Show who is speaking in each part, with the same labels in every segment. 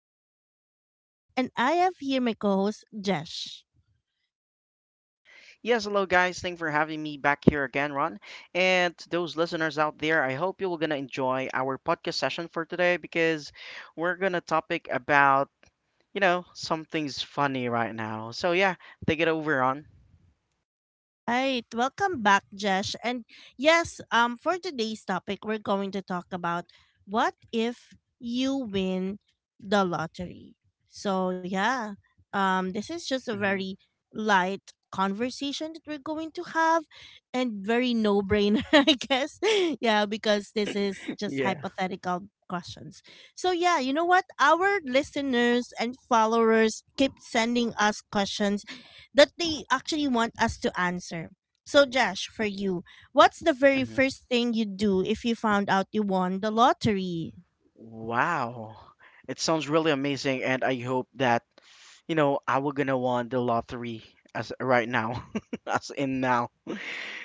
Speaker 1: is your host, Ron, and I have here my co host, Jesh.
Speaker 2: Yes, hello guys. Thanks for having me back here again, Ron. And to those listeners out there, I hope you will gonna enjoy our podcast session for today because we're gonna topic about, something's funny right now. So yeah, take it over, Ron.
Speaker 1: Right. Welcome back, Jesh. And yes, for today's topic, we're going to talk about what if you win the lottery. So yeah, this is just a
Speaker 2: hmm
Speaker 1: very light conversation that we're going to have, and very no brainer, I guess. Yeah, because this is just
Speaker 2: Yeah.
Speaker 1: hypothetical questions. So yeah, you know what? Our listeners and followers keep sending us questions that they actually want us to answer. So, Josh, for you, what's the very
Speaker 2: hmm
Speaker 1: first thing you'd do if you found out you won the lottery?
Speaker 2: Wow. It sounds really amazing and I hope that, I will gonna want the lottery as right now. As in now.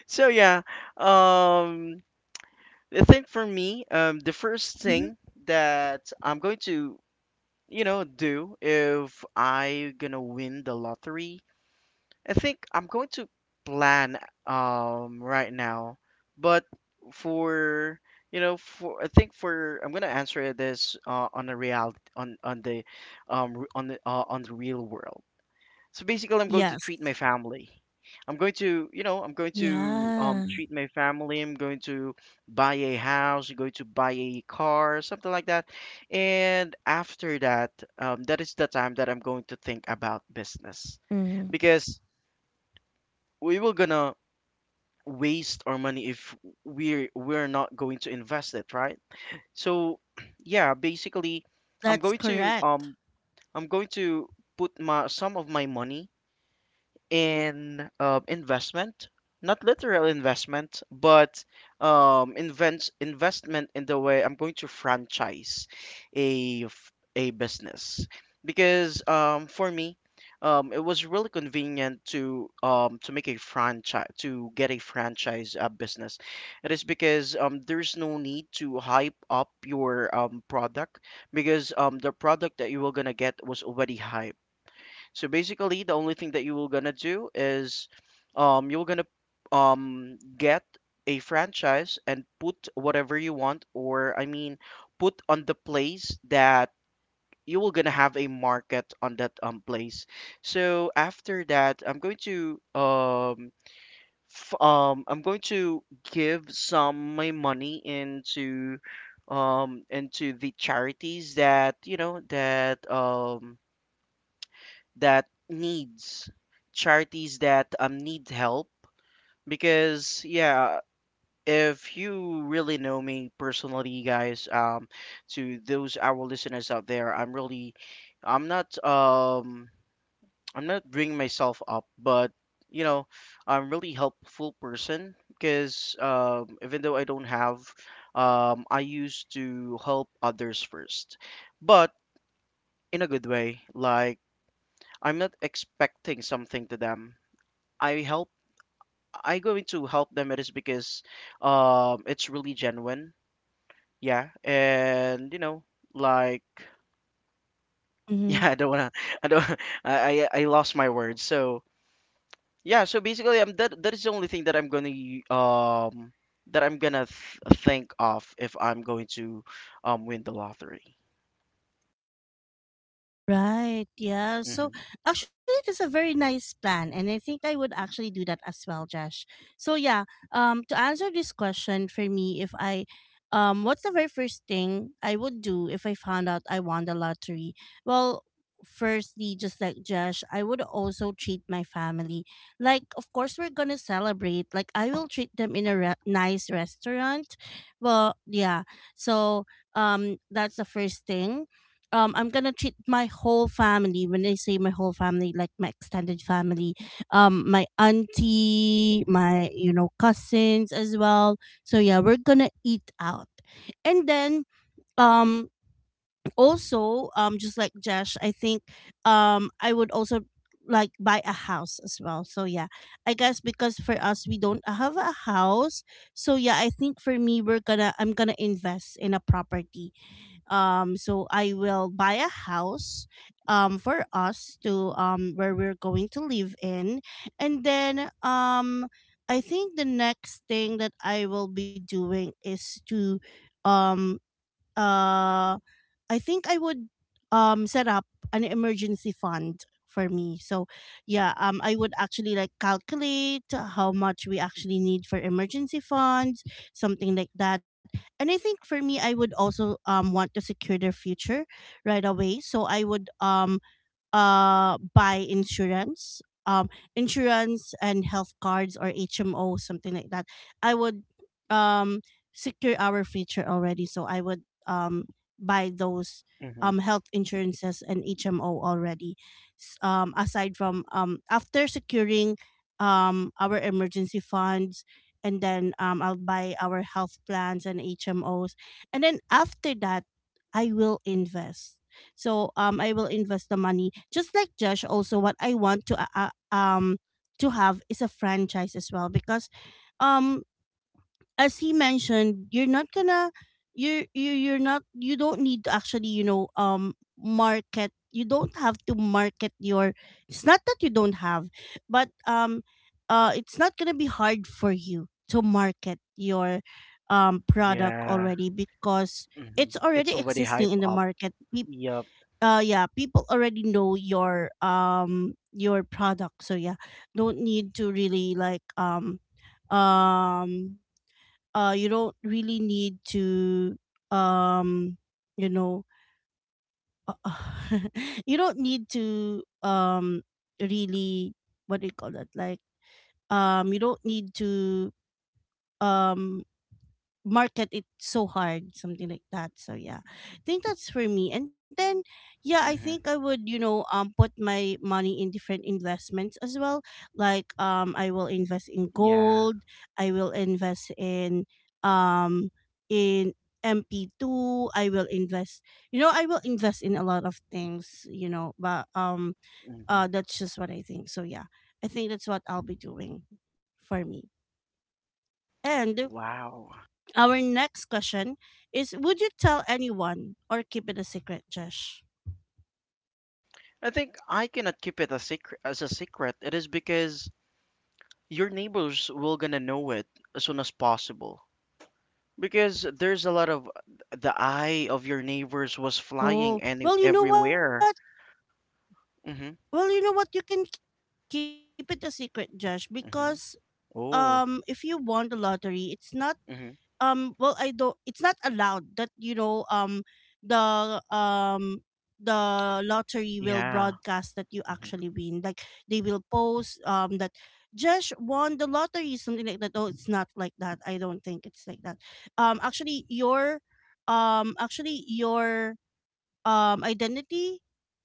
Speaker 2: So yeah. Um I think for me, the first
Speaker 1: hmm
Speaker 2: thing that I'm going to, do if I gonna win the lottery, I think I'm going to plan right now. But for I think for I'm gonna answer this on a real on the on the on the real world. So basically, I'm going to
Speaker 1: Yes.
Speaker 2: treat my family. I'm going to, I'm going to
Speaker 1: Yeah.
Speaker 2: treat my family. I'm going to buy a house. I'm going to buy a car, something like that. And after that, that is the time that I'm going to think about business,
Speaker 1: Mm-hmm.
Speaker 2: because we will gonna waste our money if we're not going to invest it, right? So, yeah, basically, I'm
Speaker 1: That's
Speaker 2: going to
Speaker 1: correct.
Speaker 2: um, I'm going to put my some of my money in investment, not literal investment, but invent investment in the way I'm going to franchise a business because for me, it was really convenient to make a franchise to get a franchise business. It is because there's no need to hype up your product because the product that you were gonna get was already hyped, so basically, the only thing that you were gonna do is, you're gonna get a franchise and put whatever you want, or I mean, put on the place that you will gonna have a market on that place. So after that, I'm going to I'm going to give some my money into the charities that needs charities that need help, because yeah, if you really know me personally guys, to those our listeners out there, I'm really, i'm not um I'm not bringing myself up, but you know, I'm really helpful person because even though I don't have I used to help others first, but in a good way, like I'm not expecting something to them. I help, I going to help them, it is because it's really genuine. Yeah. And you know, like
Speaker 1: Mm-hmm.
Speaker 2: yeah, I don't wanna I don't I lost my words. So yeah, so basically I'm that that is the only thing that I'm gonna th think of if I'm going to win the lottery.
Speaker 1: Right. Yeah.
Speaker 2: Mm-hmm.
Speaker 1: So actually, that's a very nice plan, and I think I would actually do that as well, Josh. So yeah. To answer this question for me, if I, what's the very first thing I would do if I found out I won the lottery? Well, firstly, just like Josh, I would also treat my family. Like, of course, we're gonna celebrate. Like, I will treat them in a nice restaurant. Well, yeah. So that's the first thing I'm gonna treat my whole family. When I say my whole family, like my extended family, my auntie, my cousins as well. So yeah, we're gonna eat out, and then um also just like Josh, I think I would also like buy a house as well. So yeah, I guess because for us we don't have a house, so yeah, I think for me we're gonna I'm gonna invest in a property so I will buy a house for us to where we're going to live in. And then I think the next thing that I will be doing is to um uh I think I would set up an emergency fund for me. So yeah, I would actually like calculate how much we actually need for emergency funds, something like that. And I think for me I would also want to secure their future right away. So I would buy insurance, um, insurance and health cards or HMO, something like that. I would um, secure our future already. So I would buy those
Speaker 2: Mm-hmm.
Speaker 1: health insurances and HMO already. Aside from after securing our emergency funds, and then I'll buy our health plans and HMOs. And then after that, I will invest. So I will invest the money. Just like Josh, also what I want to have is a franchise as well because um as he mentioned, you're you you're not you don't need to actually market, you don't have to market your, it's not that you don't have but it's not gonna be hard for you to market your product
Speaker 2: Yeah.
Speaker 1: already because
Speaker 2: Mm-hmm.
Speaker 1: it's
Speaker 2: It's
Speaker 1: already
Speaker 2: already
Speaker 1: existing
Speaker 2: hype
Speaker 1: in the
Speaker 2: up.
Speaker 1: market.
Speaker 2: Yep.
Speaker 1: Yeah, people already know your product. So yeah, don't need to really like um you don't really need to um you know uh, you don't need to really, what do you call that, like you don't need to um market it so hard, something like that. So yeah, I think that's for me. And then yeah, I
Speaker 2: Mm-hmm.
Speaker 1: think I would put my money in different investments as well, like I will invest in
Speaker 2: Yeah.
Speaker 1: gold, I will invest um in MP2, I will invest, I will invest in a lot of things, but
Speaker 2: Mm-hmm.
Speaker 1: that's just what I think. So yeah, I think that's what I'll be doing for me. And
Speaker 2: Wow.
Speaker 1: our next question is, would you tell anyone or keep it a secret, Josh?
Speaker 2: I think I cannot keep it a secret as a secret. It is because your neighbors will gonna know it as soon as possible. Because there's a lot of the eye of your neighbors was
Speaker 1: Oh,
Speaker 2: flying any
Speaker 1: well, you know what?
Speaker 2: everywhere.
Speaker 1: Well,
Speaker 2: Mhm.
Speaker 1: you know what? You can keep it a secret, Josh, because if
Speaker 2: Mhm.
Speaker 1: you won the lottery,
Speaker 2: Oh.
Speaker 1: it's not, um, well I don't,
Speaker 2: Mhm.
Speaker 1: it's not allowed that the um the lottery will broadcast that
Speaker 2: Yeah.
Speaker 1: you actually win,
Speaker 2: Mhm.
Speaker 1: like they will post that Jesh won the lottery, something like that. Oh, it's not like that. I don't think it's like that. Actually your actually your identity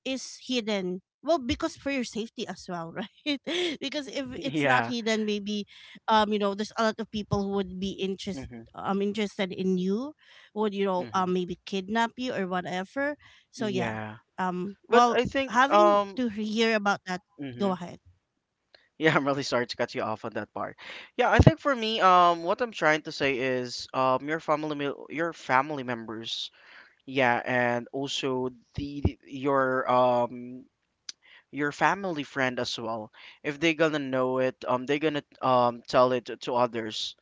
Speaker 1: is hidden, well, because for your safety as well, right, because if it's not
Speaker 2: Yeah.
Speaker 1: hidden, maybe there's a lot of people who would be
Speaker 2: Mhm.
Speaker 1: interested in you, would
Speaker 2: Mhm.
Speaker 1: maybe kidnap you or whatever. So yeah,
Speaker 2: Yeah. But
Speaker 1: well,
Speaker 2: I think
Speaker 1: having to hear about that,
Speaker 2: hmm
Speaker 1: go ahead.
Speaker 2: yeah, I'm really sorry to cut you off on that part. Yeah, I think for me, what I'm trying to say is, your family, your family members. Yeah, and also the your family friend as well. If they gonna know it, they gonna tell it to others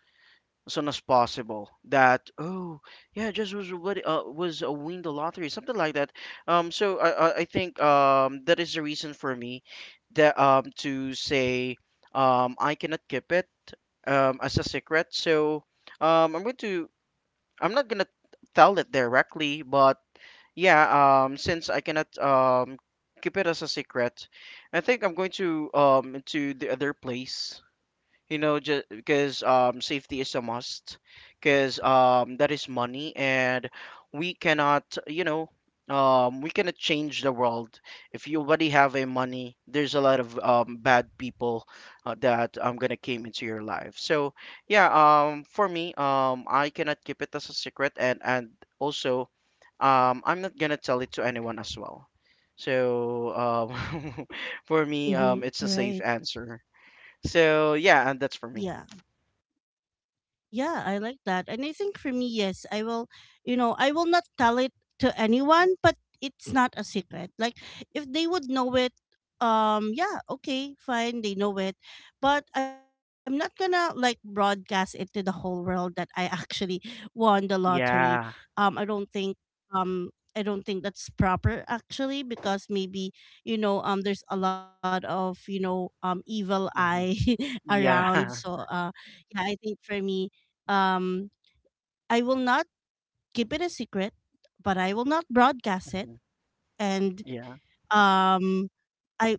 Speaker 2: as soon as possible. That oh yeah, just was what was a win the lottery, something like that. So I think that is the reason for me that to say I cannot keep it as a secret. So I'm going to I'm not gonna tell it directly, but yeah, since I cannot keep it as a secret, I think I'm going to the other place, you know, just because safety is a must, because that is money and we cannot, you know, we cannot change the world if you already have a money. There's a lot of bad people that I'm gonna came into your life. So yeah, for me, I cannot keep it as a secret, and also I'm not gonna tell it to anyone as well. So for me,
Speaker 1: Mm-hmm.
Speaker 2: it's a safe
Speaker 1: Right.
Speaker 2: answer. So yeah, and that's for me.
Speaker 1: Yeah. Yeah, I like that. And I think for me, yes, I will, you know, I will not tell it to anyone, but it's not a secret. Like if they would know it, yeah, okay, fine, they know it. But I'm not going to like broadcast it to the whole world that I actually won the lottery.
Speaker 2: Yeah.
Speaker 1: Um I don't think um I don't think that's proper actually because maybe there's a lot of evil eye
Speaker 2: hmm
Speaker 1: around.
Speaker 2: Yeah.
Speaker 1: So uh, yeah, I think for me, um, I will not keep it a secret, but I will not broadcast
Speaker 2: hmm
Speaker 1: it. And
Speaker 2: Yeah.
Speaker 1: um, I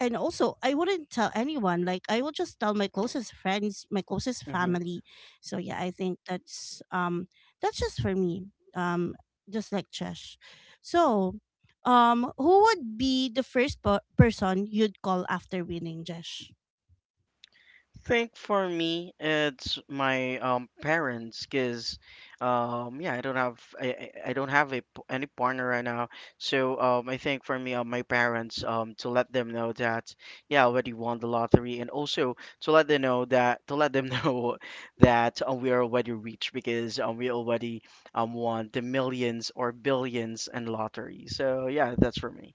Speaker 1: and also I wouldn't tell anyone. Like I will just tell my closest friends, my closest
Speaker 2: hmm
Speaker 1: family. So yeah, I think that's just for me. Um, just like Chesh. So, who would be the first person you'd call after winning, Jesh?
Speaker 2: think for me, it's my parents, cause yeah, I don't have any partner right now, so I think for me, my parents to let them know that yeah, I already won the lottery, and also to let them know that to let them know that we are already rich because we already won the millions or billions in lottery. So yeah, that's for me.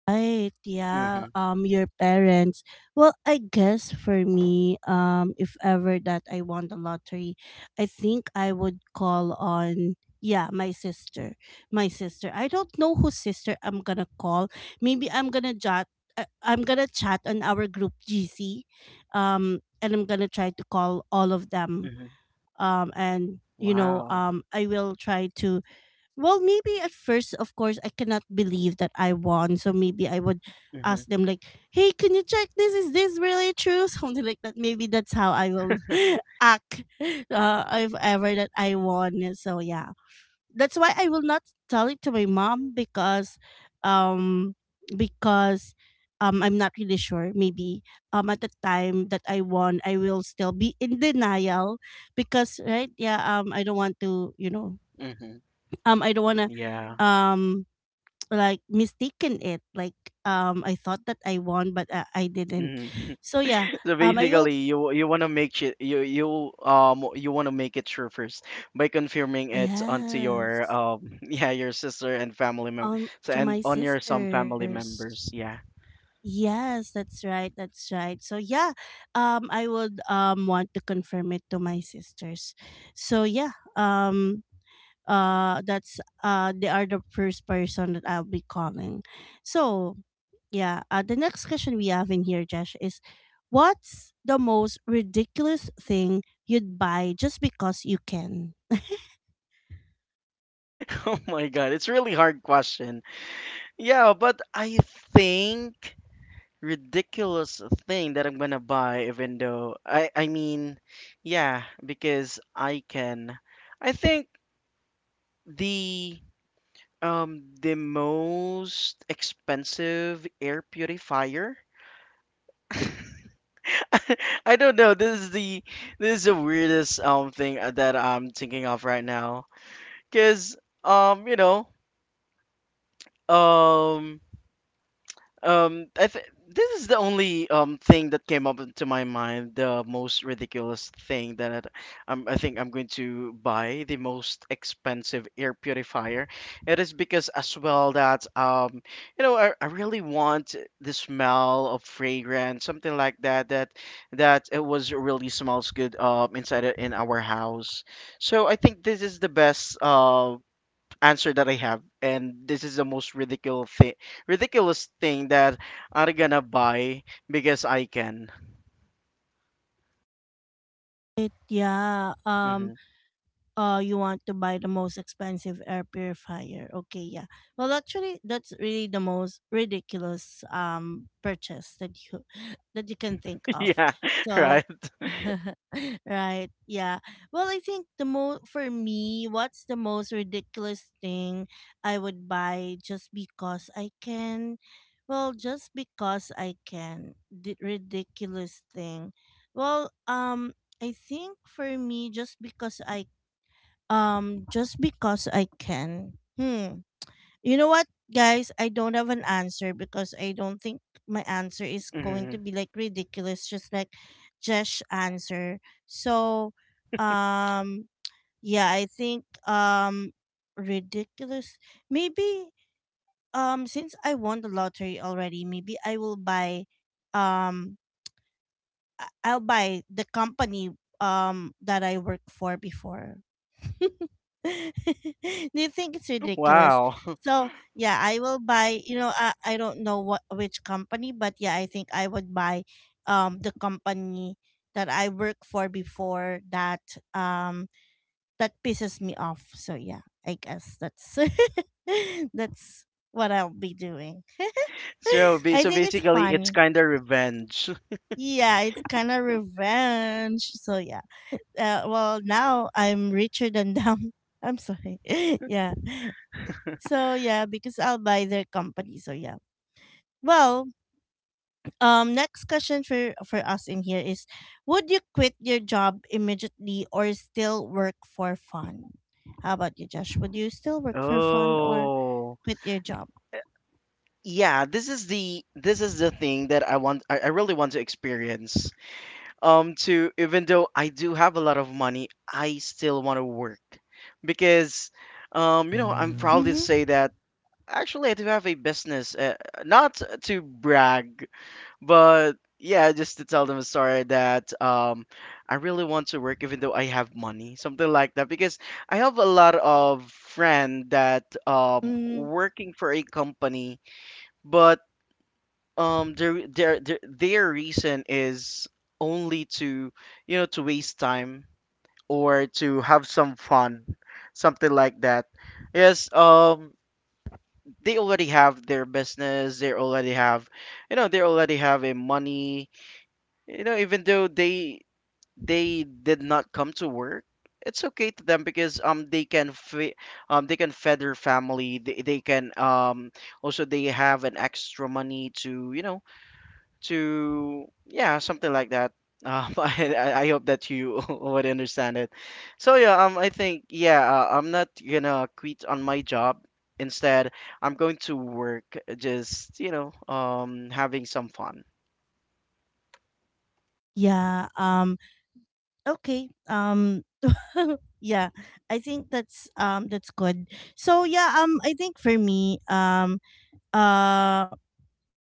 Speaker 1: Right, yeah.
Speaker 2: Mhm.
Speaker 1: Your parents. Well, I guess for me, if ever that I won the lottery, I think I would call on, yeah, my sister. My sister. I don't know whose sister I'm gonna call. Maybe I'm gonna jot I'm gonna chat on our group GC. And I'm gonna try to call all of them.
Speaker 2: Mhm.
Speaker 1: And you know,
Speaker 2: Wow.
Speaker 1: I will try to, well, maybe at first, of course, I cannot believe that I won. So maybe I would ask
Speaker 2: Mhm.
Speaker 1: them like, "Hey, can you check this? Is this really true?" Something like that. Maybe that's how I will act if ever that I won. So yeah, that's why I will not tell it to my mom because, um, because. I'm not really sure. Maybe at the time that I won, I will still be in denial because right, yeah, I don't want to, you know,
Speaker 2: Mhm.
Speaker 1: I don't wanna
Speaker 2: Yeah.
Speaker 1: um like mistaken it, like I thought that I won but I didn't.
Speaker 2: Mhm.
Speaker 1: So yeah,
Speaker 2: So
Speaker 1: I will,
Speaker 2: basically, you want to make it you want to make it sure first by confirming it onto your
Speaker 1: yes,
Speaker 2: yeah your sister and family member. So
Speaker 1: to
Speaker 2: and
Speaker 1: my
Speaker 2: on your some family
Speaker 1: sisters,
Speaker 2: members, yeah.
Speaker 1: yes, that's right, that's right. So yeah, I would want to confirm it to my sisters. So yeah, that's they are the first person that I'll be calling. So yeah. The next question we have in here, Josh, is what's the most ridiculous thing you'd buy just because you can?
Speaker 2: Oh my god, it's really hard question. Yeah, but I think ridiculous thing that I'm gonna buy even though I mean yeah because I can I think the the most expensive air purifier. I don't know. This is the weirdest thing that I'm thinking of right now. Cause um you know um Um, I th- this is the only thing that came up into my mind. The most ridiculous thing that I'm, I think I'm going to buy the most expensive air purifier. It is because as well that you know, I really want the smell of fragrance something like that, that it was really smells good inside it in our house. So I think this is the best answer that I have, and this is the most ridiculous thing that I'm gonna buy because I can.
Speaker 1: It, yeah.
Speaker 2: hmm
Speaker 1: You want to buy the most expensive air purifier, okay, yeah. Well actually that's really the most ridiculous purchase that you that you can think of.
Speaker 2: Yeah,
Speaker 1: So
Speaker 2: right.
Speaker 1: right, yeah. Well, I think the most, for me, what's the most ridiculous thing I would buy just because I can? Well, just because I can, the ridiculous thing. Well, I think for me just because I just because I can. Hmm. You know what, guys? I don't have an answer because I don't think my answer is going to
Speaker 2: hmm
Speaker 1: be like ridiculous, just like Jesh answer. So, um, yeah, I think ridiculous. Maybe since I won the lottery already, maybe I will buy um I'll buy the company that I worked for before. Do you think it's ridiculous?
Speaker 2: Wow.
Speaker 1: So yeah, I will buy. You know, I don't know what which company, but yeah, I think I would buy, the company that I worked for before, that um that pisses me off. So yeah, I guess that's that's what I'll be doing.
Speaker 2: So,
Speaker 1: I
Speaker 2: so
Speaker 1: think it's
Speaker 2: basically, it's
Speaker 1: fun.
Speaker 2: kind of revenge.
Speaker 1: Yeah, it's kind of revenge. So yeah, well now I'm richer than them. I'm sorry. Yeah. So yeah, because I'll buy their company. So yeah. Well, next question for us in here is, would you quit your job immediately or still work for fun? How about you, Josh? Would you still work for fun or
Speaker 2: Oh,
Speaker 1: quit your job?
Speaker 2: yeah. This is the thing that I want. I really want to experience. To even though I do have a lot of money, I still want to work because, you know, I'm proud to
Speaker 1: Mm-hmm.
Speaker 2: say that. Actually, I do have a business, not to brag, but yeah, just to tell them a story that I really want to work even though I have money, something like that. Because I have a lot of friend that
Speaker 1: Mm,
Speaker 2: working for a company, but their reason is only to to waste time or to have some fun, something like that. Yes, they already have their business, they already have, you know, they already have a money, you know, even though they did not come to work, it's okay to them because they can feed their family, they can also they have an extra money to, you know, to yeah something like that. I hope that you would understand it. So yeah, I think yeah, I'm not gonna quit on my job, instead I'm going to work, just you know having some fun.
Speaker 1: yeah. Um, okay. Um, yeah, I think that's good. So yeah, I think for me, uh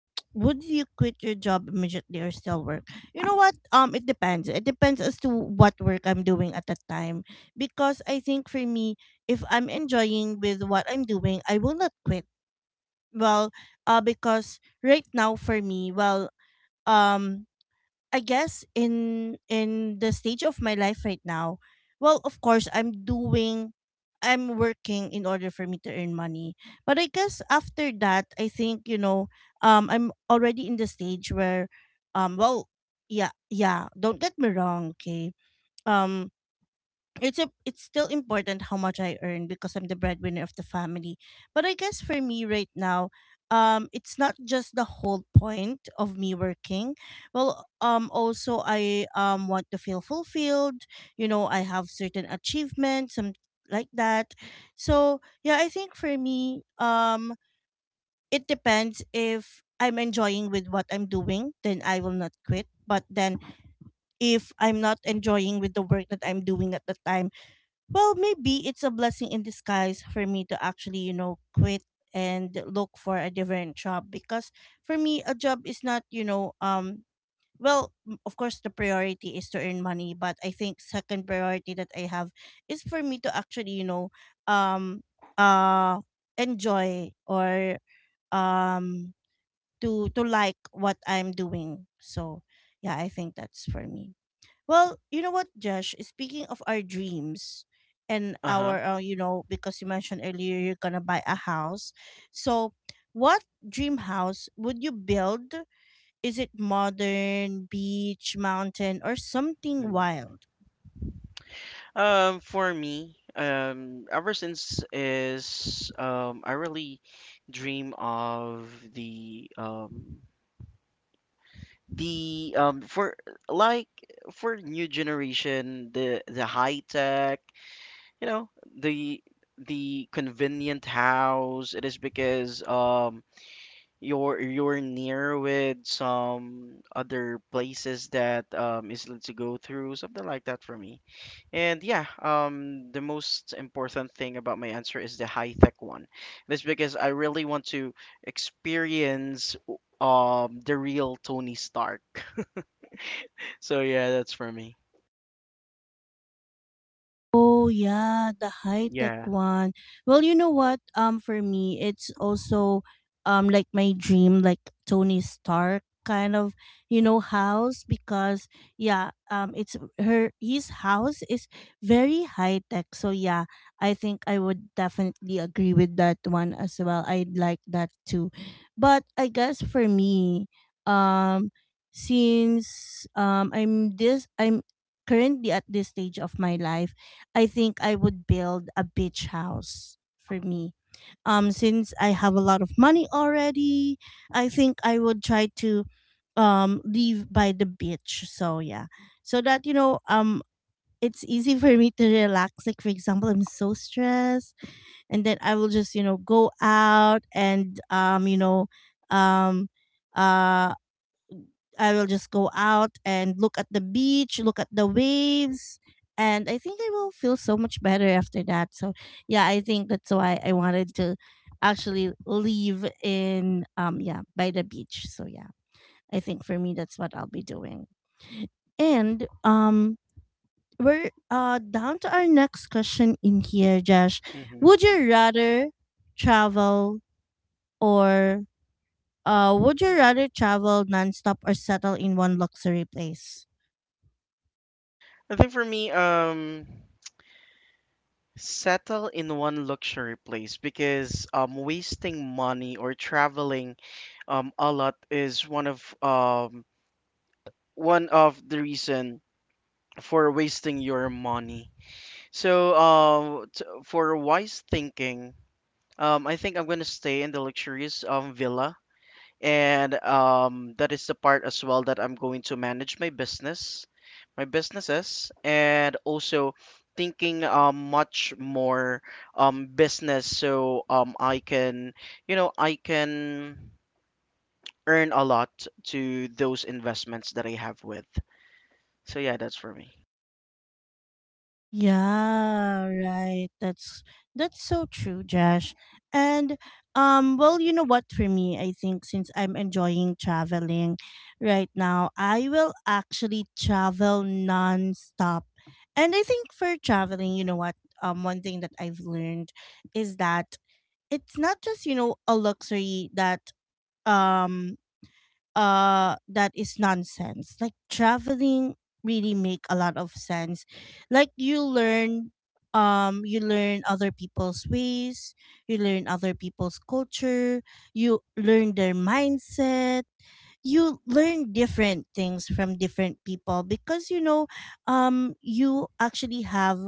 Speaker 1: would you quit your job immediately or still work? You know what? It depends. It depends as to what work I'm doing at that time because I think for me, if I'm enjoying with what I'm doing, I will not quit. Well, because right now for me, well, um I guess in the stage of my life right now, well, of course, I'm working in order for me to earn money. But I guess after that, I think, I'm already in the stage where well, yeah, yeah, don't get me wrong, okay? Um it's a, it's still important how much I earn because I'm the breadwinner of the family. But I guess for me right now, it's not just the whole point of me working. Well, also I want to feel fulfilled. You know, I have certain achievements, some like that. So yeah, I think for me, it depends. If I'm enjoying with what I'm doing, then I will not quit. But then if I'm not enjoying with the work that I'm doing at the time, well, maybe it's a blessing in disguise for me to actually, quit and look for a different job, because for me a job is not, of course the priority is to earn money, but I think second priority that I have is for me to actually, um uh enjoy or um to like what I'm doing. So, yeah, I think that's for me. Well, you know what, Josh? Speaking of our dreams and our,
Speaker 2: Uh-huh.
Speaker 1: because you mentioned earlier you're gonna buy a house. So, what dream house would you build? Is it modern, beach, mountain, or something
Speaker 2: Mm.
Speaker 1: wild?
Speaker 2: For me, ever since is I really dream of the for like for new generation, the high tech, you know, the convenient house. It is because you're near with some other places that is to go through something like that for me. And yeah, the most important thing about my answer is the high tech one. That's because I really want to experience the real Tony Stark. So yeah, that's for me.
Speaker 1: Oh yeah, the high tech
Speaker 2: Yeah.
Speaker 1: one. Well, you know what? For me, it's also like my dream, like Tony Stark kind of, house, because yeah, it's her his house is very high tech. So yeah, I think I would definitely agree with that one as well. I'd like that too, but I guess for me, um since I'm currently at this stage of my life, I think I would build a beach house for me. Since I have a lot of money already, I think I would try to live by the beach. So yeah, so that, it's easy for me to relax. Like for example, I'm so stressed, and then I will just, go out, and um uh I will just go out and look at the beach, look at the waves, and I think I will feel so much better after that. So, yeah, I think that's why I wanted to actually leave, in yeah, by the beach. So, yeah. I think for me that's what I'll be doing. And we're down to our next question in here, Josh.
Speaker 2: hmm
Speaker 1: Would you rather travel or would you rather travel nonstop or settle in one luxury place?
Speaker 2: I think for me, settle in one luxury place because wasting money or traveling a lot is one of the reason for wasting your money. So for wise thinking, I think I'm gonna stay in the luxurious villa. And that is the part as well that I'm going to manage my business, my businesses, and also thinking much more business, so I can, you know, I can earn a lot to those investments that I have with. So yeah, that's for me.
Speaker 1: Yeah, right. That's so true, Josh. And well, you know what, for me, I think since I'm enjoying traveling right now, I will actually travel non-stop. And I think for traveling, you know what, one thing that I've learned is that it's not just, a luxury that, um that is nonsense. Like traveling really make a lot of sense. Like you learn other people's ways, you learn other people's culture, you learn their mindset, you learn different things from different people, because, you actually have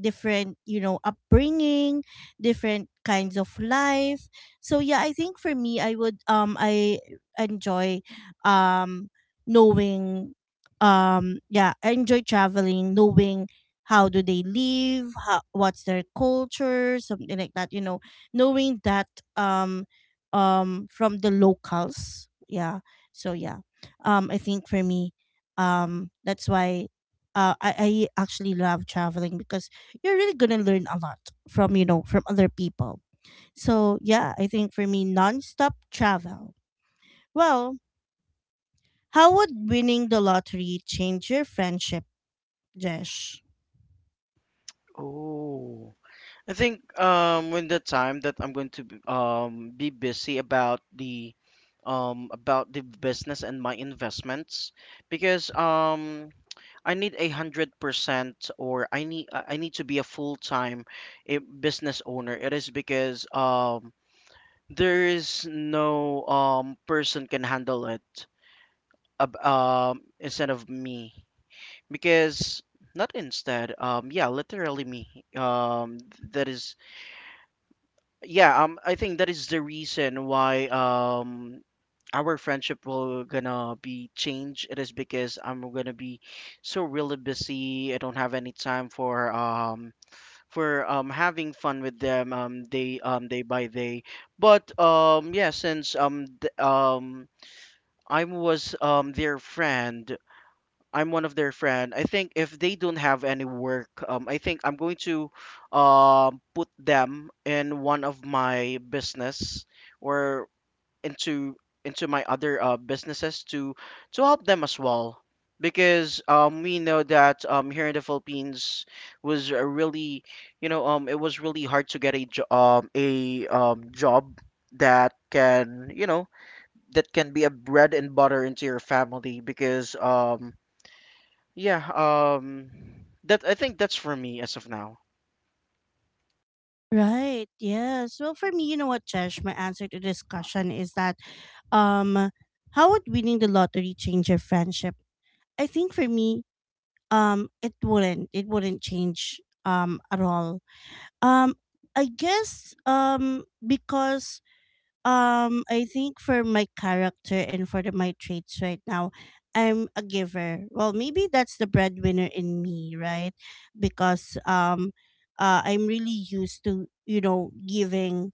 Speaker 1: different, upbringing, different kinds of life. So yeah, I think for me, I enjoy, um knowing traveling, knowing how do they live, what's their culture, something like that. You know, knowing that, um from the locals. Yeah. So yeah, I think for me, that's why, I actually love traveling, because you're really gonna learn a lot from, from other people. So yeah, I think for me, nonstop travel. Well, how would winning the lottery change your friendship, Jesh?
Speaker 2: Oh. I think, when the time that I'm going to be busy about the business and my investments because I need 100%. Or I need to be a full time a business owner. It is because there is no person can handle it instead of me. Because not instead, yeah, literally me, that is, yeah, I think that is the reason why our friendship will gonna be changed. It is because I'm gonna be so really busy. I don't have any time for having fun with them, day day by day. But yeah, since I was their friend. I'm one of their friend. I think if they don't have any work, I think I'm going to put them in one of my business or into into my other businesses to help them as well. Because we know that here in the Philippines was a really, you know, it was really hard to get a job that can, you know, that can be a bread and butter into your family. Because yeah, that I think that's for me as of now.
Speaker 1: Right. Yes. Well, for me, you know what, Jesh, my answer to this question is that, um, how would winning the lottery change your friendship? I think for me, it wouldn't change, at all, um I guess, because, I think for my character and for my traits right now, I'm a giver. Well, maybe that's the breadwinner in me, right? Because, I'm really used to,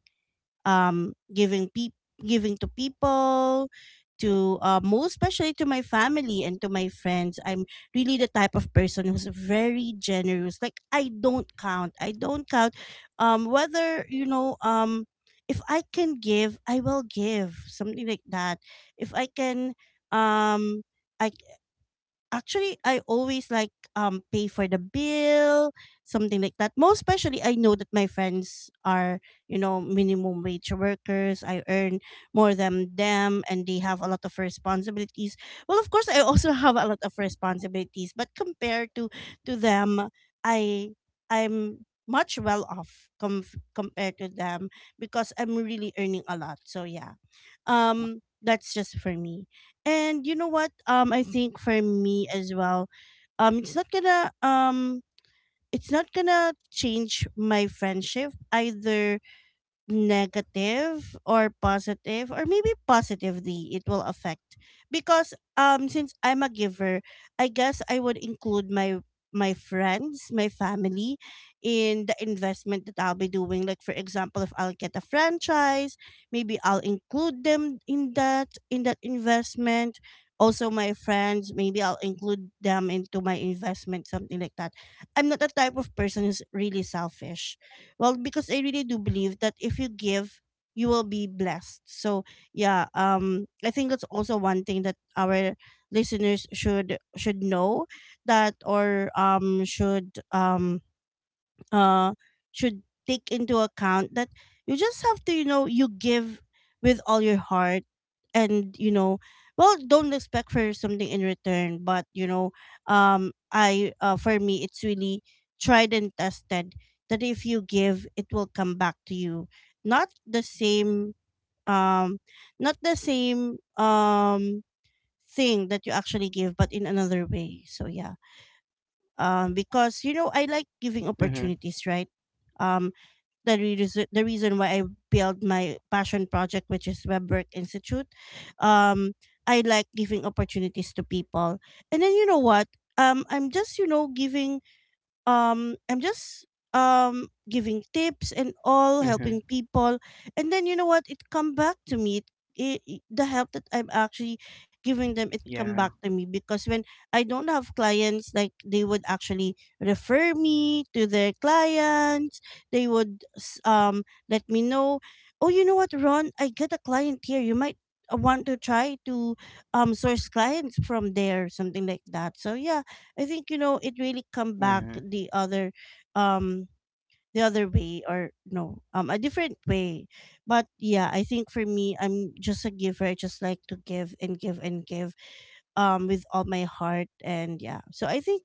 Speaker 1: um, giving pe- giving to people, to, most especially to my family and to my friends. I'm really the type of person who's very generous. Like, I don't count, whether, if I can give, I will give, something like that. If I can um I Actually, I always like, pay for the bill, something like that. Most especially, I know that my friends are, minimum wage workers. I earn more than them, and they have a lot of responsibilities. Well, of course, I also have a lot of responsibilities, but compared to them, I I'm much well off, compared to them, because I'm really earning a lot. So yeah, that's just for me. And you know what? I think for me as well, it's not gonna, change my friendship, either negative or positive. Or maybe positively it will affect, because, since I'm a giver, I guess I would include my friends, my family in the investment that I'll be doing. Like for example, if I'll get a franchise, maybe I'll include them in that, investment. Also my friends, maybe I'll include them into my investment, something like that. I'm not the type of person who's really selfish. Well, because I really do believe that if you give, you will be blessed. So yeah, I think that's also one thing that our listeners should know, that or uh should take into account, that you just have to, you give with all your heart, and, well, don't expect for something in return. But, you know I for me, it's really tried and tested that if you give, it will come back to you, not the same, um not the same, thing that you actually give, but in another way. So yeah, because, I like giving
Speaker 2: Mhm.
Speaker 1: opportunities, right? Um the reason the reason why I built my passion project, which is WebWork Institute. Um, I like giving opportunities to people, and then you know what? I'm just you know giving I'm just giving tips and all,
Speaker 2: Mhm.
Speaker 1: helping people. And then you know what? It come back to me. The help that I'm actually giving them, it come back
Speaker 2: Yeah.
Speaker 1: to me, because when I don't have clients, like they would actually refer me to their clients. They would, let me know, oh you know what Ron, I get a client here, you might, want to try to, source clients from there, something like that. So yeah, I think, it really come back,
Speaker 2: Mhm.
Speaker 1: the other, um way, or no, a different way. But yeah, I think for me, I'm just a giver. I just like to give and give and give, with all my heart. And yeah, so I think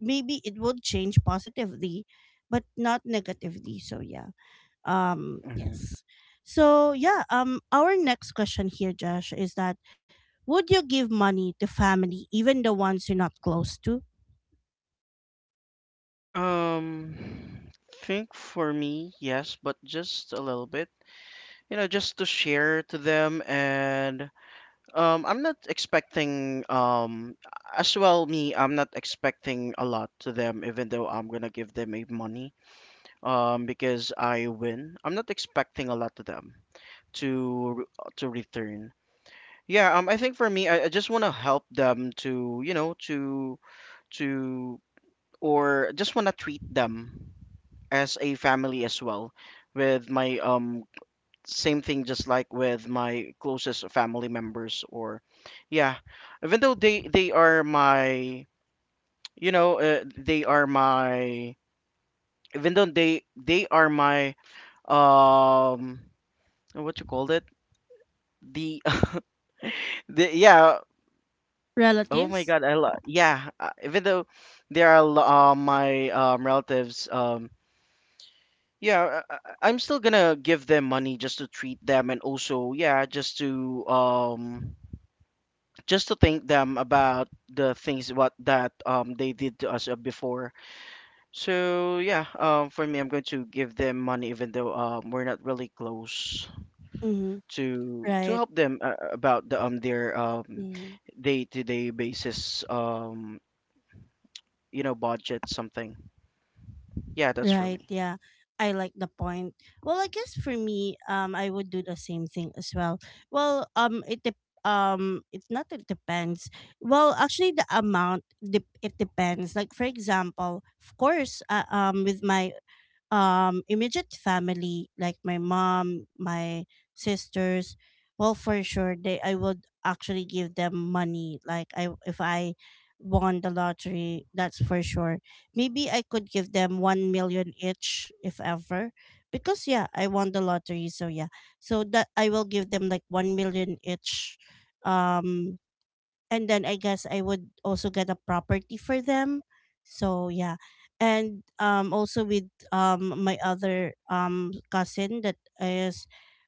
Speaker 1: maybe it would change positively but not negatively. So yeah,
Speaker 2: Mhm.
Speaker 1: yes. So yeah, our next question here, Josh, is that, would you give money to family, even the ones you're not close to,
Speaker 2: Um think for me, yes, but just a little bit. You know, just to share to them. And I'm not expecting as well me, I'm not expecting a lot to them even though I'm going to give them a money because I win. I'm not expecting a lot to them to return. Yeah, I think for me, I just want to help them to, you know, to to or just want to treat them as a family as well. With my same thing, just like with my closest family members, or yeah, even though they are my, you know, they are my, even though they are my um, what you called it, the the yeah. Oh my
Speaker 1: relatives?
Speaker 2: God, I love. Yeah, even though there are my relatives, yeah, I'm still gonna give them money just to treat them. And also, yeah, just to thank them about the things what that they did to us before. So yeah, for me, I'm going to give them money, even though we're not really close
Speaker 1: Mm-hmm.
Speaker 2: to
Speaker 1: Right.
Speaker 2: help them about the their
Speaker 1: Mm-hmm.
Speaker 2: day-to-day basis, you know, budget something. Yeah, that's for
Speaker 1: Right.
Speaker 2: me.
Speaker 1: Yeah. I like the point. Well, I guess for me, I would do the same thing as well. Well, it dep it's not it depends. Well, actually, the amount dep it depends. Like for example, of course, with my immediate family, like my mom, my sisters, well, for sure they I would actually give them money. Like, I if I won the lottery, that's for sure, maybe I could give them 1 million each, if ever, because yeah, I won the lottery. So yeah, so that I will give them like 1 million each. Um and then I guess I would also get a property for them. So yeah, and, also with, my other, cousin that is,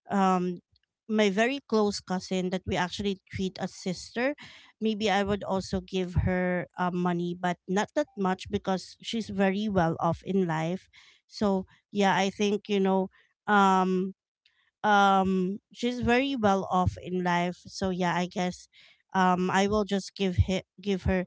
Speaker 1: um my very close cousin that we actually treat as sister. Maybe I would also give her, money, but not that much because she's very well off in life. So yeah, I think um she's very well off in life. So yeah, I guess I will just give her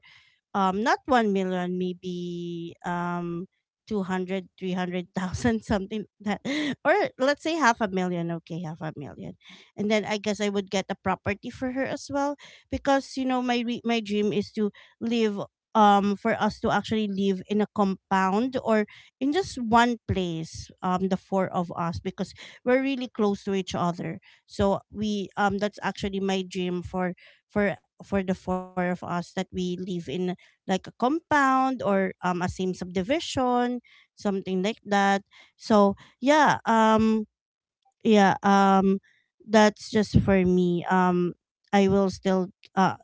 Speaker 1: not 1 million, maybe 200, 300,000, something that, or let's say half a million. Okay, half a million. And then I guess I would get a property for her as well, because my my dream is to live for us to actually live in a compound or in just one place, the four of us, because we're really close to each other. So we that's actually my dream for the four of us, that we live in like a compound or a same subdivision, something like that. So yeah, yeah, That's just for me. I will still uh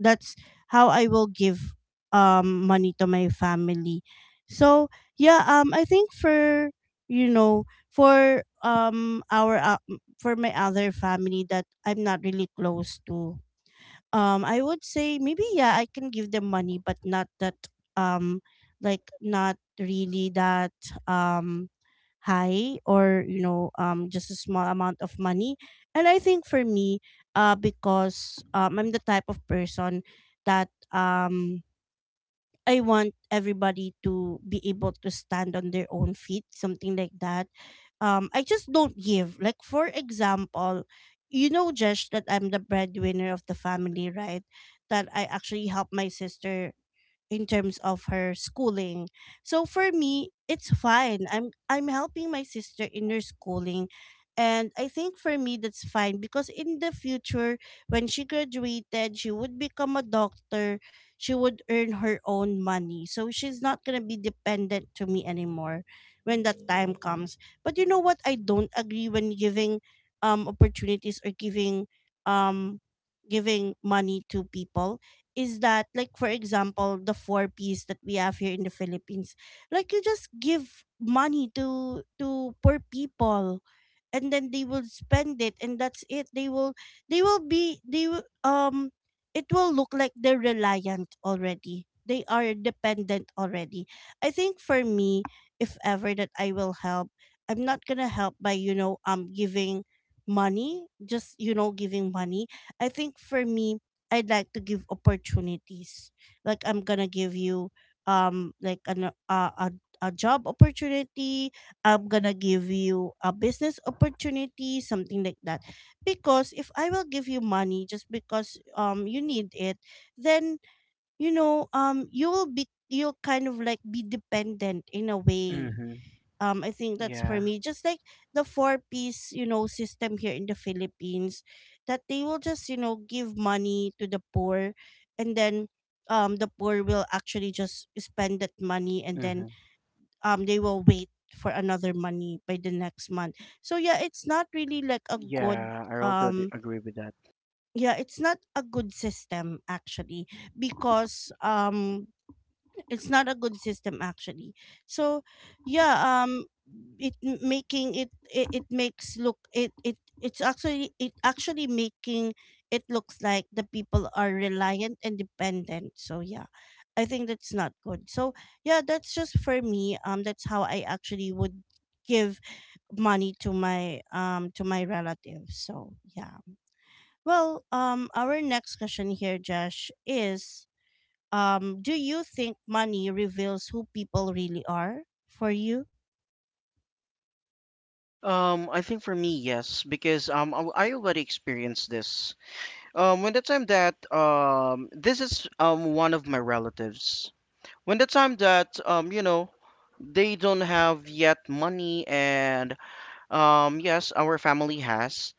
Speaker 1: that's how I will give money to my family. So yeah, I think for you know for our for my other family that I'm not really close to, I would say maybe yeah, I can give them money, but not that um, like not really that um high, or just a small amount of money. And I think for me, because I'm the type of person that I want everybody to be able to stand on their own feet, something like that. I just don't give. Like for example, you know, Josh, that I'm the breadwinner of the family, right? That I actually help my sister in terms of her schooling. So for me, it's fine. I'm helping my sister in her schooling, and I think for me that's fine, because in the future when she graduated, she would become a doctor. She would earn her own money. So she's not going to be dependent to me anymore when that time comes. But you know what I don't agree when giving opportunities or giving um giving money to people is that, like for example, the four P's that we have here in the Philippines, like you just give money to poor people, and then they will spend it and that's it. They will they will be they will it will look like they're reliant already, they are dependent already. I think for me, if ever that I will help, I'm not gonna help by giving money, just giving money. I think for me, I'd like to give opportunities. Like I'm gonna give you like an a job opportunity, I'm gonna give you a business opportunity, something like that. Because if I will give you money just because you need it, then you will be you'll kind of like be dependent in a way.
Speaker 2: Mm-hmm.
Speaker 1: I think that's for
Speaker 2: Yeah.
Speaker 1: me. Just like the four piece, you know, system here in the Philippines, that they will just give money to the poor, and then the poor will actually just spend that money, and then
Speaker 2: Mm-hmm.
Speaker 1: they will wait for another money by the next month. So yeah, it's not really like a good
Speaker 2: Yeah, I also
Speaker 1: um
Speaker 2: agree with that.
Speaker 1: yeah, it's not a good system actually. Because it's not a good system actually. So yeah, it making it, makes look it it's actually it actually making it looks like the people are reliant and dependent. So yeah, I think that's not good. So yeah, that's just for me. That's how I actually would give money to my relatives. So yeah, well, our next question here, Josh, is do you think money reveals who people really are for you?
Speaker 2: I think for me, yes, because I already experienced this. When the time that this is one of my relatives. When the time that you know, they don't have yet money, and yes, our family has,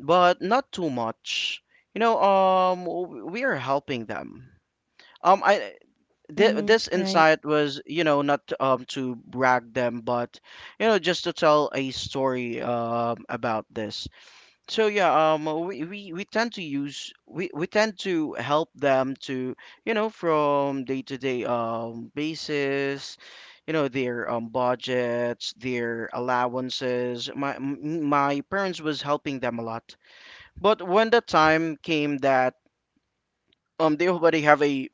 Speaker 2: but not too much. You know, we are helping them. Um, I
Speaker 1: Mm-hmm.
Speaker 2: this
Speaker 1: Right.
Speaker 2: insight was, you know, not to brag them, but you know just to tell a story about this. So yeah, we tend to use we tend to help them to, you know, from day to day basis, you know, their budgets, their allowances. My my parents was helping them a lot. But when the time came that they already have a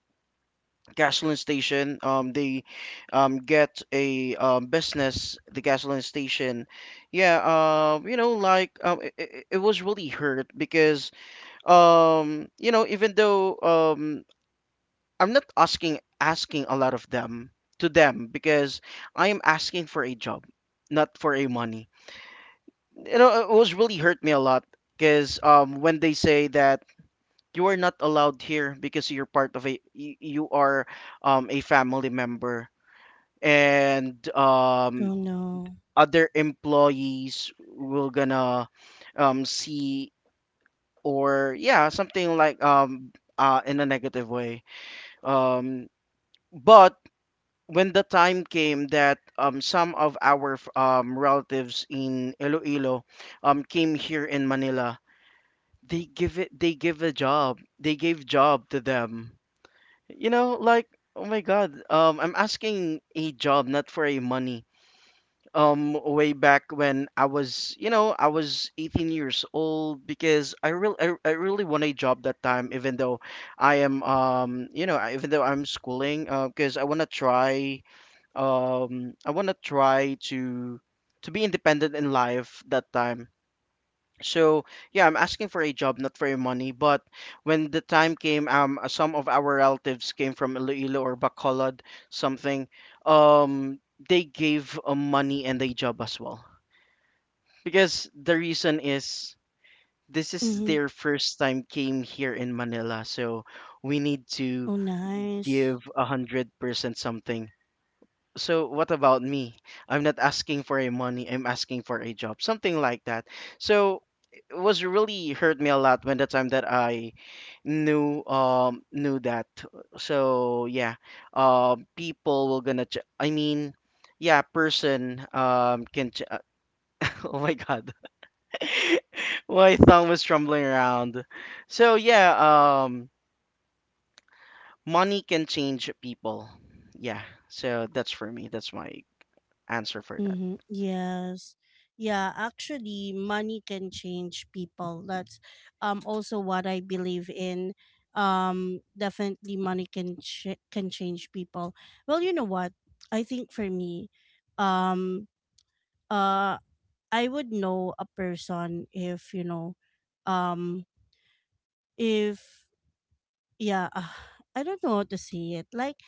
Speaker 2: gasoline station, they get a business, the gasoline station, yeah, you know, like it was really hurt because you know, even though I'm not asking a lot of them to them, because I am asking for a job not for a money you know. It was really hurt me a lot because when they say that you are not allowed here because you're part of a you are a family member. And
Speaker 1: Oh, no.
Speaker 2: other employees will gonna see, or yeah, something like in a negative way, um, but when the time came that some of our relatives in Iloilo came here in Manila, they give it, they give a job, they gave job to them, you know, like oh my god, I'm asking a job not for a money. Way back when I was, you know, I was 18 years old, because I really want a job that time, even though I am, you know, even though I'm schooling, because I want to try, I want to try to be independent in life that time. So yeah, I'm asking for a job, not for your money. But when the time came, some of our relatives came from Iloilo or Bacolod, something. Um, they gave money and a job as well. Because the reason is this is their
Speaker 1: Mm-hmm.
Speaker 2: first time came here in Manila, so we need to
Speaker 1: Oh,
Speaker 2: give
Speaker 1: nice.
Speaker 2: 100% something. So what about me? I'm not asking for a money, I'm asking for a job, something like that. So it was really hurt me a lot when the time that I knew knew that. So yeah, people will gonna I mean, yeah, person can oh my god. my tongue was trembling around. So yeah, money can change people. Yeah. So that's for me. That's my answer for that.
Speaker 1: Mm-hmm. Yes. Yeah, actually money can change people. That's also what I believe in. Definitely money can change people. Well, you know what, I think for me um uh I would know a person if um if yeah I don't know how to say it. Like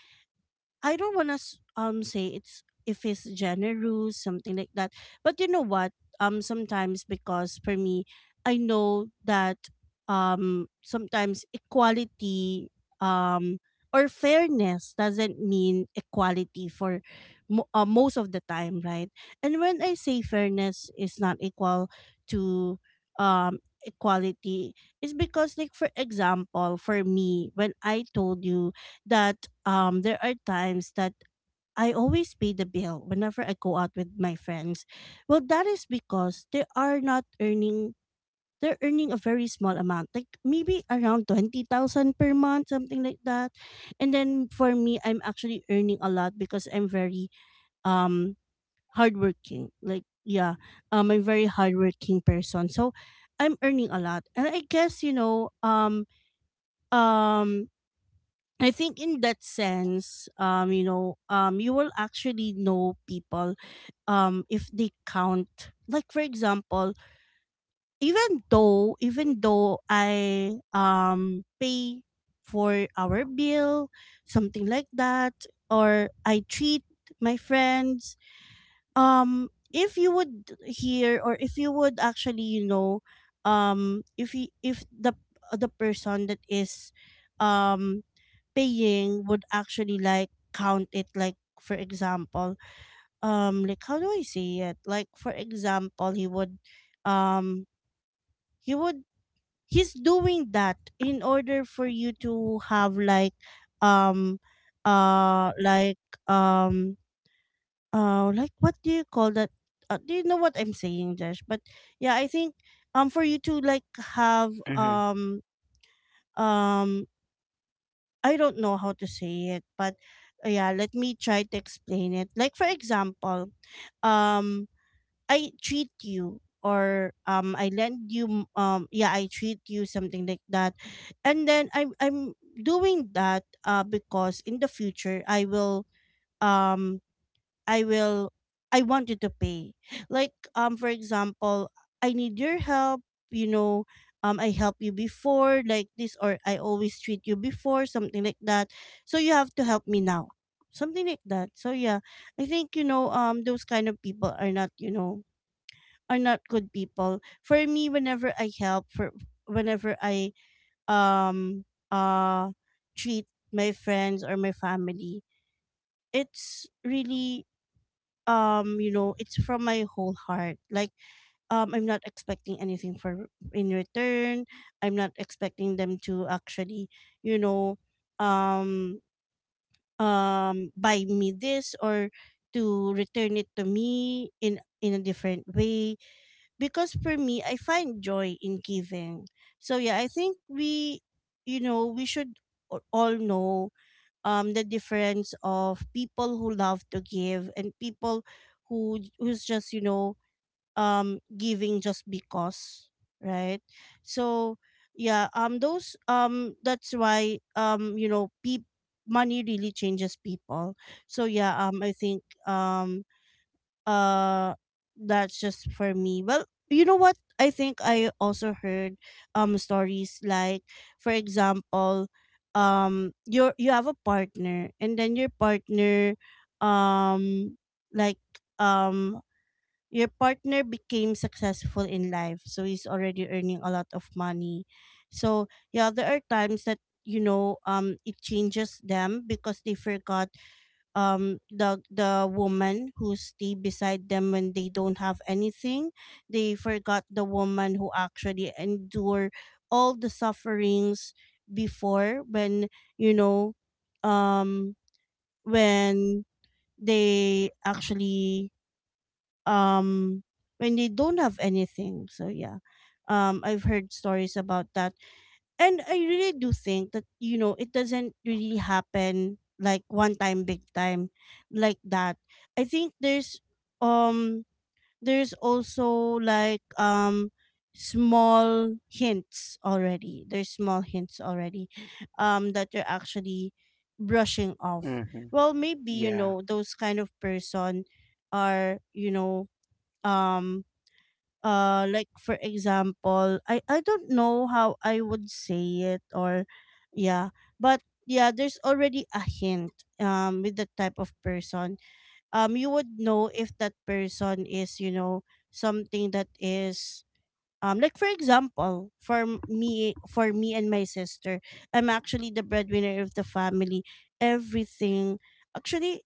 Speaker 1: I don't want to say it's if it's generous, something like that. But you know what? Sometimes, because for me, I know that sometimes equality um or fairness doesn't mean equality for most of the time, right? And when I say fairness is not equal to equality, it's because like for example, for me, when I told you that there are times that I always pay the bill whenever I go out with my friends. Well, that is because they are not earning they're earning a very small amount, like maybe around 20,000 per month, something like that. And then for me, I'm actually earning a lot because I'm very um hardworking. Like yeah, I'm a very hardworking person. So I'm earning a lot. And I guess, you know, um I think in that sense, you will actually know people, if they count. Like for example, even though I pay for our bill, something like that, or I treat my friends, if you would hear or if you would actually, if you, if the person that is, um paying would actually like count it. Like for example, like how do I say it, like for example, um he would he's doing that in order for you to have like um uh like um like what do you call that, do you know what I'm saying, Josh? But yeah, I think for you to like have
Speaker 2: Mm-hmm.
Speaker 1: um I don't know how to say it, but yeah, let me try to explain it. Like for example, um I treat you or I lend you yeah, I treat you, something like that. And then I'm doing that because in the future I will um I will I want you to pay. Like for example, I need your help, you know, I help you before like this, or I always treat you before, something like that. So you have to help me now, something like that. So yeah, I think you know those kind of people are not, you know, are not good people. For me whenever I help for whenever I um uh treat my friends or my family, it's really you know, it's from my whole heart. Like I'm not expecting anything for in return. I'm not expecting them to actually you know um buy me this, or to return it to me in a different way, because for me I find joy in giving. So yeah, I think we you know, we should all know the difference of people who love to give and people who who's just giving just because, right? So yeah, those that's why you know peop money really changes people. So yeah, I think uh that's just for me. Well, you know what, I think I also heard stories, like for example, you're you have a partner, and then your partner um like um your partner became successful in life, so he's already earning a lot of money. So yeah, there are times that, you know, it changes them, because they forgot the woman who stay beside them when they don't have anything, they forgot the woman who actually endure all the sufferings before, when you know, um when they actually um when they don't have anything. So yeah, I've heard stories about that, and I really do think that, you know, it doesn't really happen like one time, big time like that. I think um there's also like small hints already. There's small hints already that you're actually brushing off.
Speaker 2: Mm-hmm.
Speaker 1: Well maybe, you
Speaker 2: Yeah.
Speaker 1: know, those kind of person are, you know, um like for example I don't know how I would say it or yeah, but yeah, there's already a hint with the type of person. Um, you would know if that person is, you know, something that is, um, like for example for me. For me and my sister, I'm actually the breadwinner of the family. Everything, actually,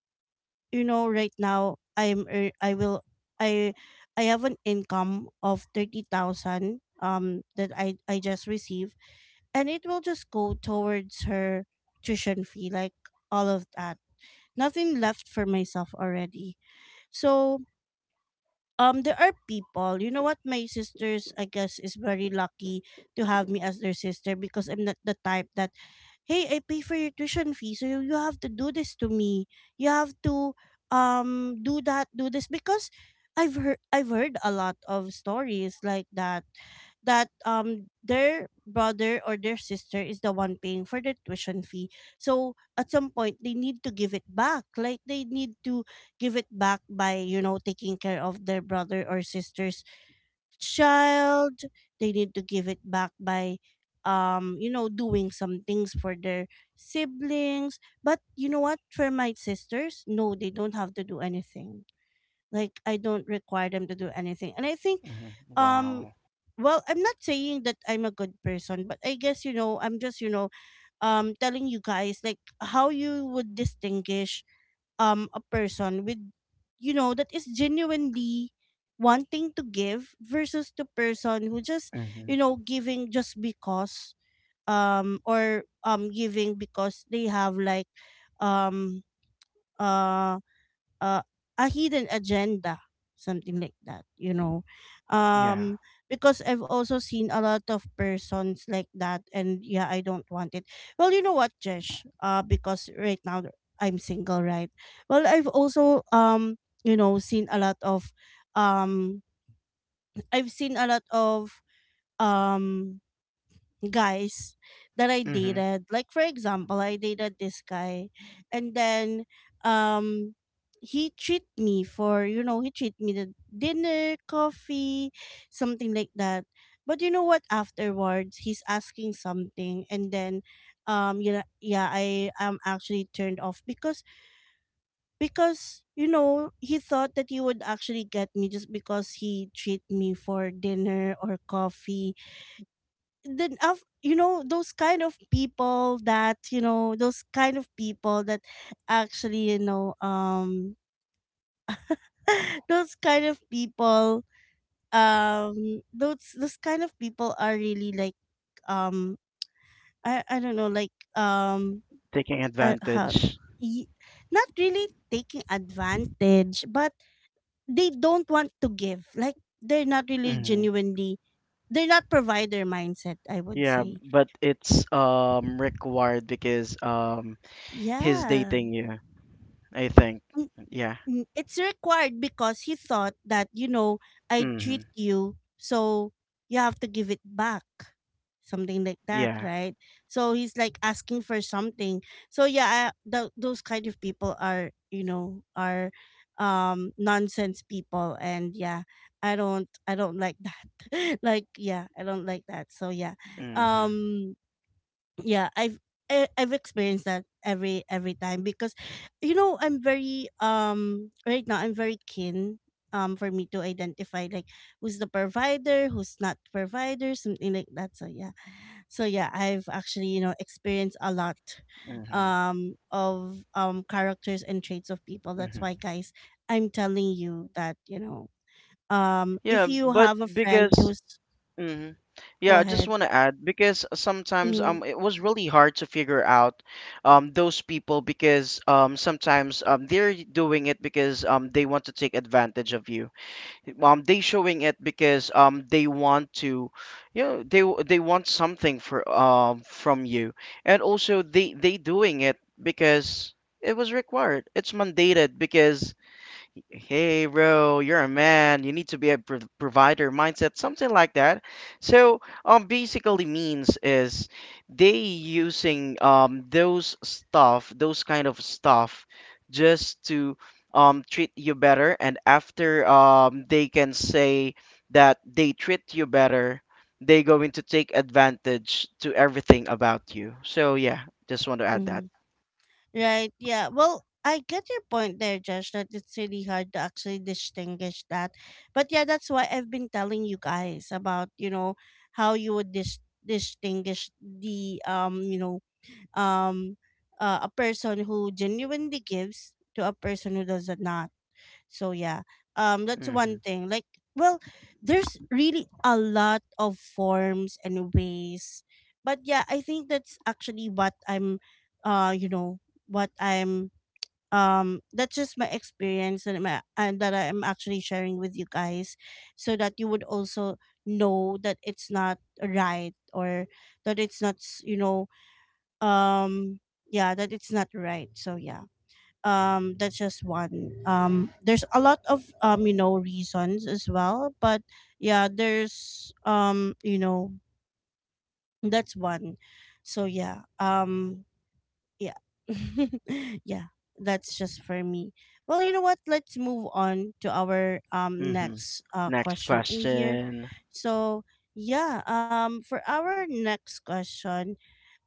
Speaker 1: you know, right now I'm ear- I will I I have an income of 30,000 that I just received, and it will just go towards her tuition fee, like all of that, nothing left for myself already. So there are people, you know what, my sisters I guess is very lucky to have me as their sister, because I'm not the type that, hey, I pay for your tuition fee so you have to do this to me, you have to do that, do this. Because I've heard a lot of stories like that, that their brother or their sister is the one paying for the tuition fee, so at some point they need to give it back, like they need to give it back by, you know, taking care of their brother or sister's child. They need to give it back by, um, you know, doing some things for their siblings. But you know what, for my sisters, no, they don't have to do anything. Like I don't require them to do anything. And I think,
Speaker 2: Hmm.
Speaker 1: um,
Speaker 2: Wow.
Speaker 1: well, I'm not saying that I'm a good person, but I guess, you know, I'm just, you know, telling you guys like how you would distinguish a person with, you know, that is genuinely wanting to give, versus the person who just, you
Speaker 2: Hmm.
Speaker 1: know, giving just because, or giving because they have, like, um uh uh, a hidden agenda, something like that, you know.
Speaker 2: Yeah.
Speaker 1: Um, because I've also seen a lot of persons like that, and yeah, I don't want it. Well, you know what Jesh, because right now I'm single, right? Well, I've also, um, you know, seen a lot of um I've seen a lot of um guys that I
Speaker 2: Hmm.
Speaker 1: dated. Like for example, I dated this guy, and then um he treat me for, you know, he treat me the dinner, coffee, something like that. But you know what, afterwards, he's asking something, and then, um, yeah. Yeah, I am actually turned off, because you know, he thought that he would actually get me just because he treat me for dinner or coffee. Then, of, you know, those kind of people that, you know, those kind of people that actually, you know, um, those kind of people, um, those kind of people are really like, um, I don't know, like, um
Speaker 2: Taking
Speaker 1: uh, how,
Speaker 2: advantage.
Speaker 1: y- not really taking advantage, but they don't want to give, like they're not really
Speaker 2: Hmm.
Speaker 1: genuinely, they're not provider mindset, I would
Speaker 2: Yeah,
Speaker 1: say.
Speaker 2: but it's required because he's
Speaker 1: Yeah.
Speaker 2: dating you, I think.
Speaker 1: Mm.
Speaker 2: Yeah.
Speaker 1: Mm, it's required, because he thought that, you know, I
Speaker 2: Hmm.
Speaker 1: treat you, so you have to give it back. Something like that,
Speaker 2: Yeah.
Speaker 1: right? So he's like asking for something. So yeah, those kind of people are, you know, are nonsense people, and yeah, I don't like that. Like yeah, I don't like that. So yeah.
Speaker 2: Hmm.
Speaker 1: Um, yeah, I've experienced that every time, because you know I'm very right now I'm very keen, um, for me to identify like who's the provider, who's not provider, something like that. So yeah, so yeah, I've actually, you know, experienced a lot
Speaker 2: Hmm.
Speaker 1: of characters and traits of people. That's
Speaker 2: Hmm.
Speaker 1: why guys, I'm telling you that, you know, um,
Speaker 2: Yeah,
Speaker 1: if you
Speaker 2: but
Speaker 1: have a
Speaker 2: because
Speaker 1: friend who's
Speaker 2: hmm. Yeah,
Speaker 1: go
Speaker 2: I just
Speaker 1: ahead.
Speaker 2: want to add because sometimes
Speaker 1: Mm-hmm,
Speaker 2: it was really hard to figure out those people, because sometimes they're doing it because they want to take advantage of you. They showing it because they want to you know they want something for from you. And also they doing it because it was required. It's mandated because hey bro, you're a man, you need to be a provider mindset, something like that. So basically means is they using those stuff, those kind of stuff, just to treat you better. And after they can say that they treat you better, they going to take advantage to everything about you. So yeah, just want to add that.
Speaker 1: mm-hmm. Right. Yeah. Well, I get your point there, Josh, that it's really hard to actually distinguish that. But yeah, that's why I've been telling you guys about, you know, how you would distinguish the, you know, um, a person who genuinely gives to a person who does not. So yeah, that's
Speaker 2: Hmm.
Speaker 1: one thing. Like, well, there's really a lot of forms and ways, but yeah, I think that's actually what I'm, you know, what I'm, that's just my experience and my and that I'm actually sharing with you guys, so that you would also know that it's not right, or that it's not, you know, um, yeah, that it's not right. So yeah, um, that's just one, um, there's a lot of, um, you know, reasons as well, but yeah, there's, um, you know, that's one. So yeah, um, yeah. Yeah, that's just for me. Well, you know what, let's move on to our
Speaker 2: Hmm.
Speaker 1: next
Speaker 2: Next
Speaker 1: question in here.
Speaker 2: question.
Speaker 1: So yeah, um, for our next question,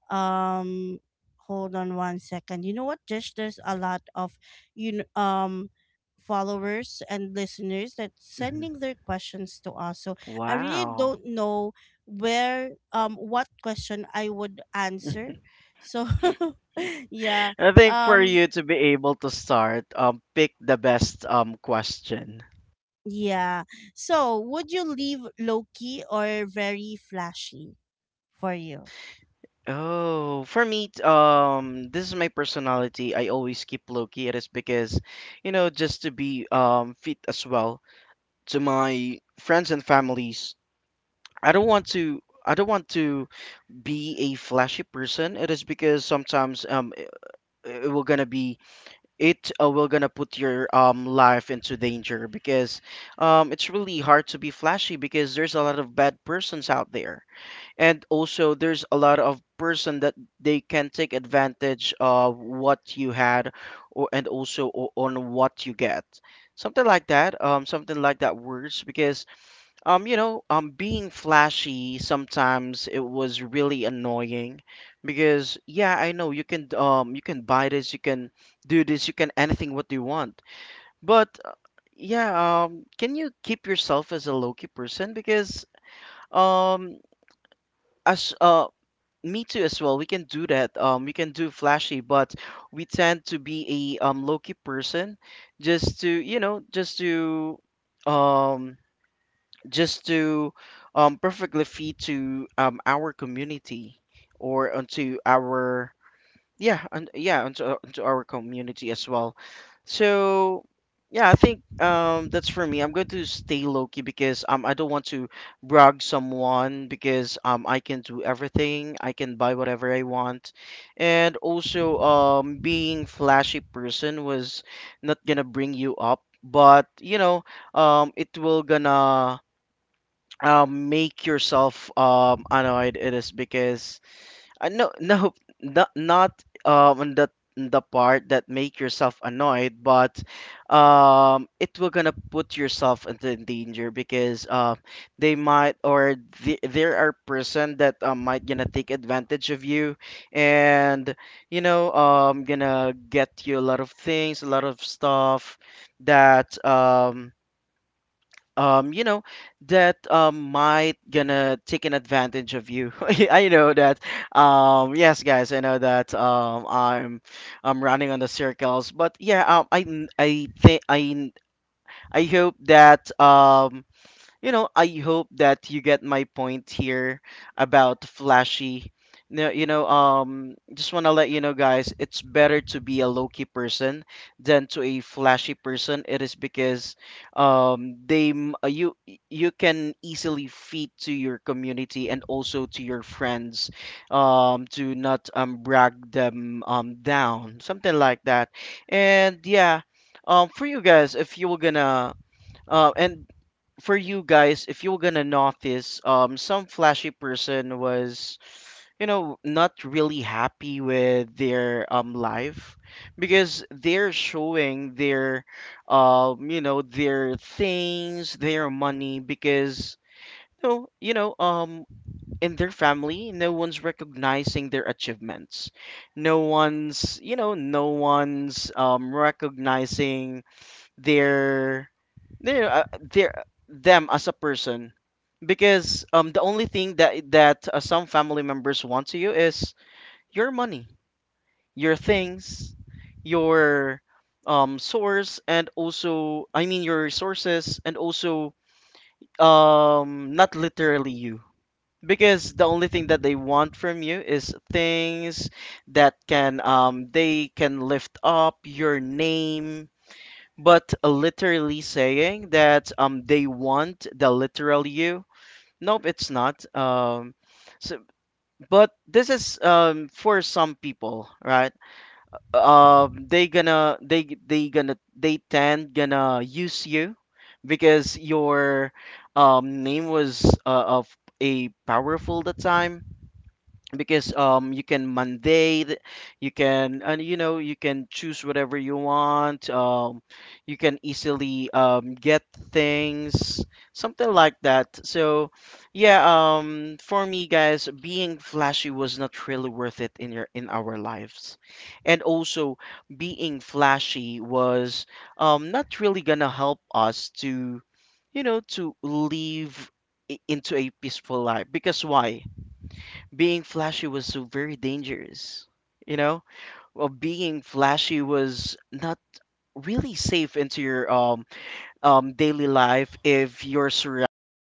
Speaker 1: um, hold on one second. You know what Jesh? There's a lot of, you know, um, followers and listeners that
Speaker 2: Mm-hmm.
Speaker 1: sending their questions to us, so I really
Speaker 2: Wow.
Speaker 1: don't know where, um, what question I would answer. So yeah,
Speaker 2: I think for
Speaker 1: um,
Speaker 2: you to be able to start, pick the best question.
Speaker 1: yeah. So would you leave low key or very flashy for you?
Speaker 2: Oh, for me, this is my personality. I always keep low key. It is because, you know, just to be fit as well to my friends and families. I don't want to. I don't want to be a flashy person. It is because sometimes it will gonna be it will gonna put your life into danger, because it's really hard to be flashy. Because there's a lot of bad persons out there, and also there's a lot of person that they can take advantage of what you had, or and also on what you get, something like that. Something like that works, because you know, being flashy, sometimes it was really annoying. Because yeah, I know you can buy this, you can do this, you can anything what you want. But yeah, can you keep yourself as a low-key person? Because um, as me too as well, we can do that. We can do flashy, but we tend to be a low-key person, just to you know, um just to perfectly fit to our community, or onto our yeah, and yeah, onto our community as well. So yeah, I think that's for me. I'm going to stay low-key, because I don't want to brag someone, because I can do everything, I can buy whatever I want. And also being flashy person was not gonna bring you up, but you know, it will gonna make yourself annoyed. It is because, no no, not um the the part that make yourself annoyed, but it will gonna put yourself into danger. Because they might, or the, there are person that might gonna take advantage of you. And you know, gonna get you a lot of things, a lot of stuff that you know that might gonna take an advantage of you. I know that yes guys, I know that I'm running on the circles. But yeah, I think I hope that you know, I hope that you get my point here about flashy. No, you know, just want to let you know, guys, it's better to be a low key person than to a flashy person. It is because, they you can easily feed to your community, and also to your friends, to not brag them down, something like that. And yeah, for you guys, if you were gonna and for you guys, if you're gonna notice, some flashy person was, you know, not really happy with their life, because they're showing their, you know, their things, their money because. No, you know, in their family, no one's recognizing their achievements. No one's, you know, no one's recognizing their their them as a person. Because the only thing that some family members want to you is your money, your things, your source, and also I mean your resources. And also not literally you, because the only thing that they want from you is things that can they can lift up your name. But literally saying that they want the literal you, nope, it's not. So, but this is for some people, right? They gonna they tend gonna use you, because your name was of a powerful the time. Because you can mandate, you can, and you know, you can choose whatever you want, you can easily get things, something like that. So yeah, for me guys, being flashy was not really worth it in your, in our lives. And also being flashy was not really gonna help us to, you know, to live into a peaceful life. Because why, being flashy was so very dangerous. You know, well, being flashy was not really safe into your daily life if your surroundings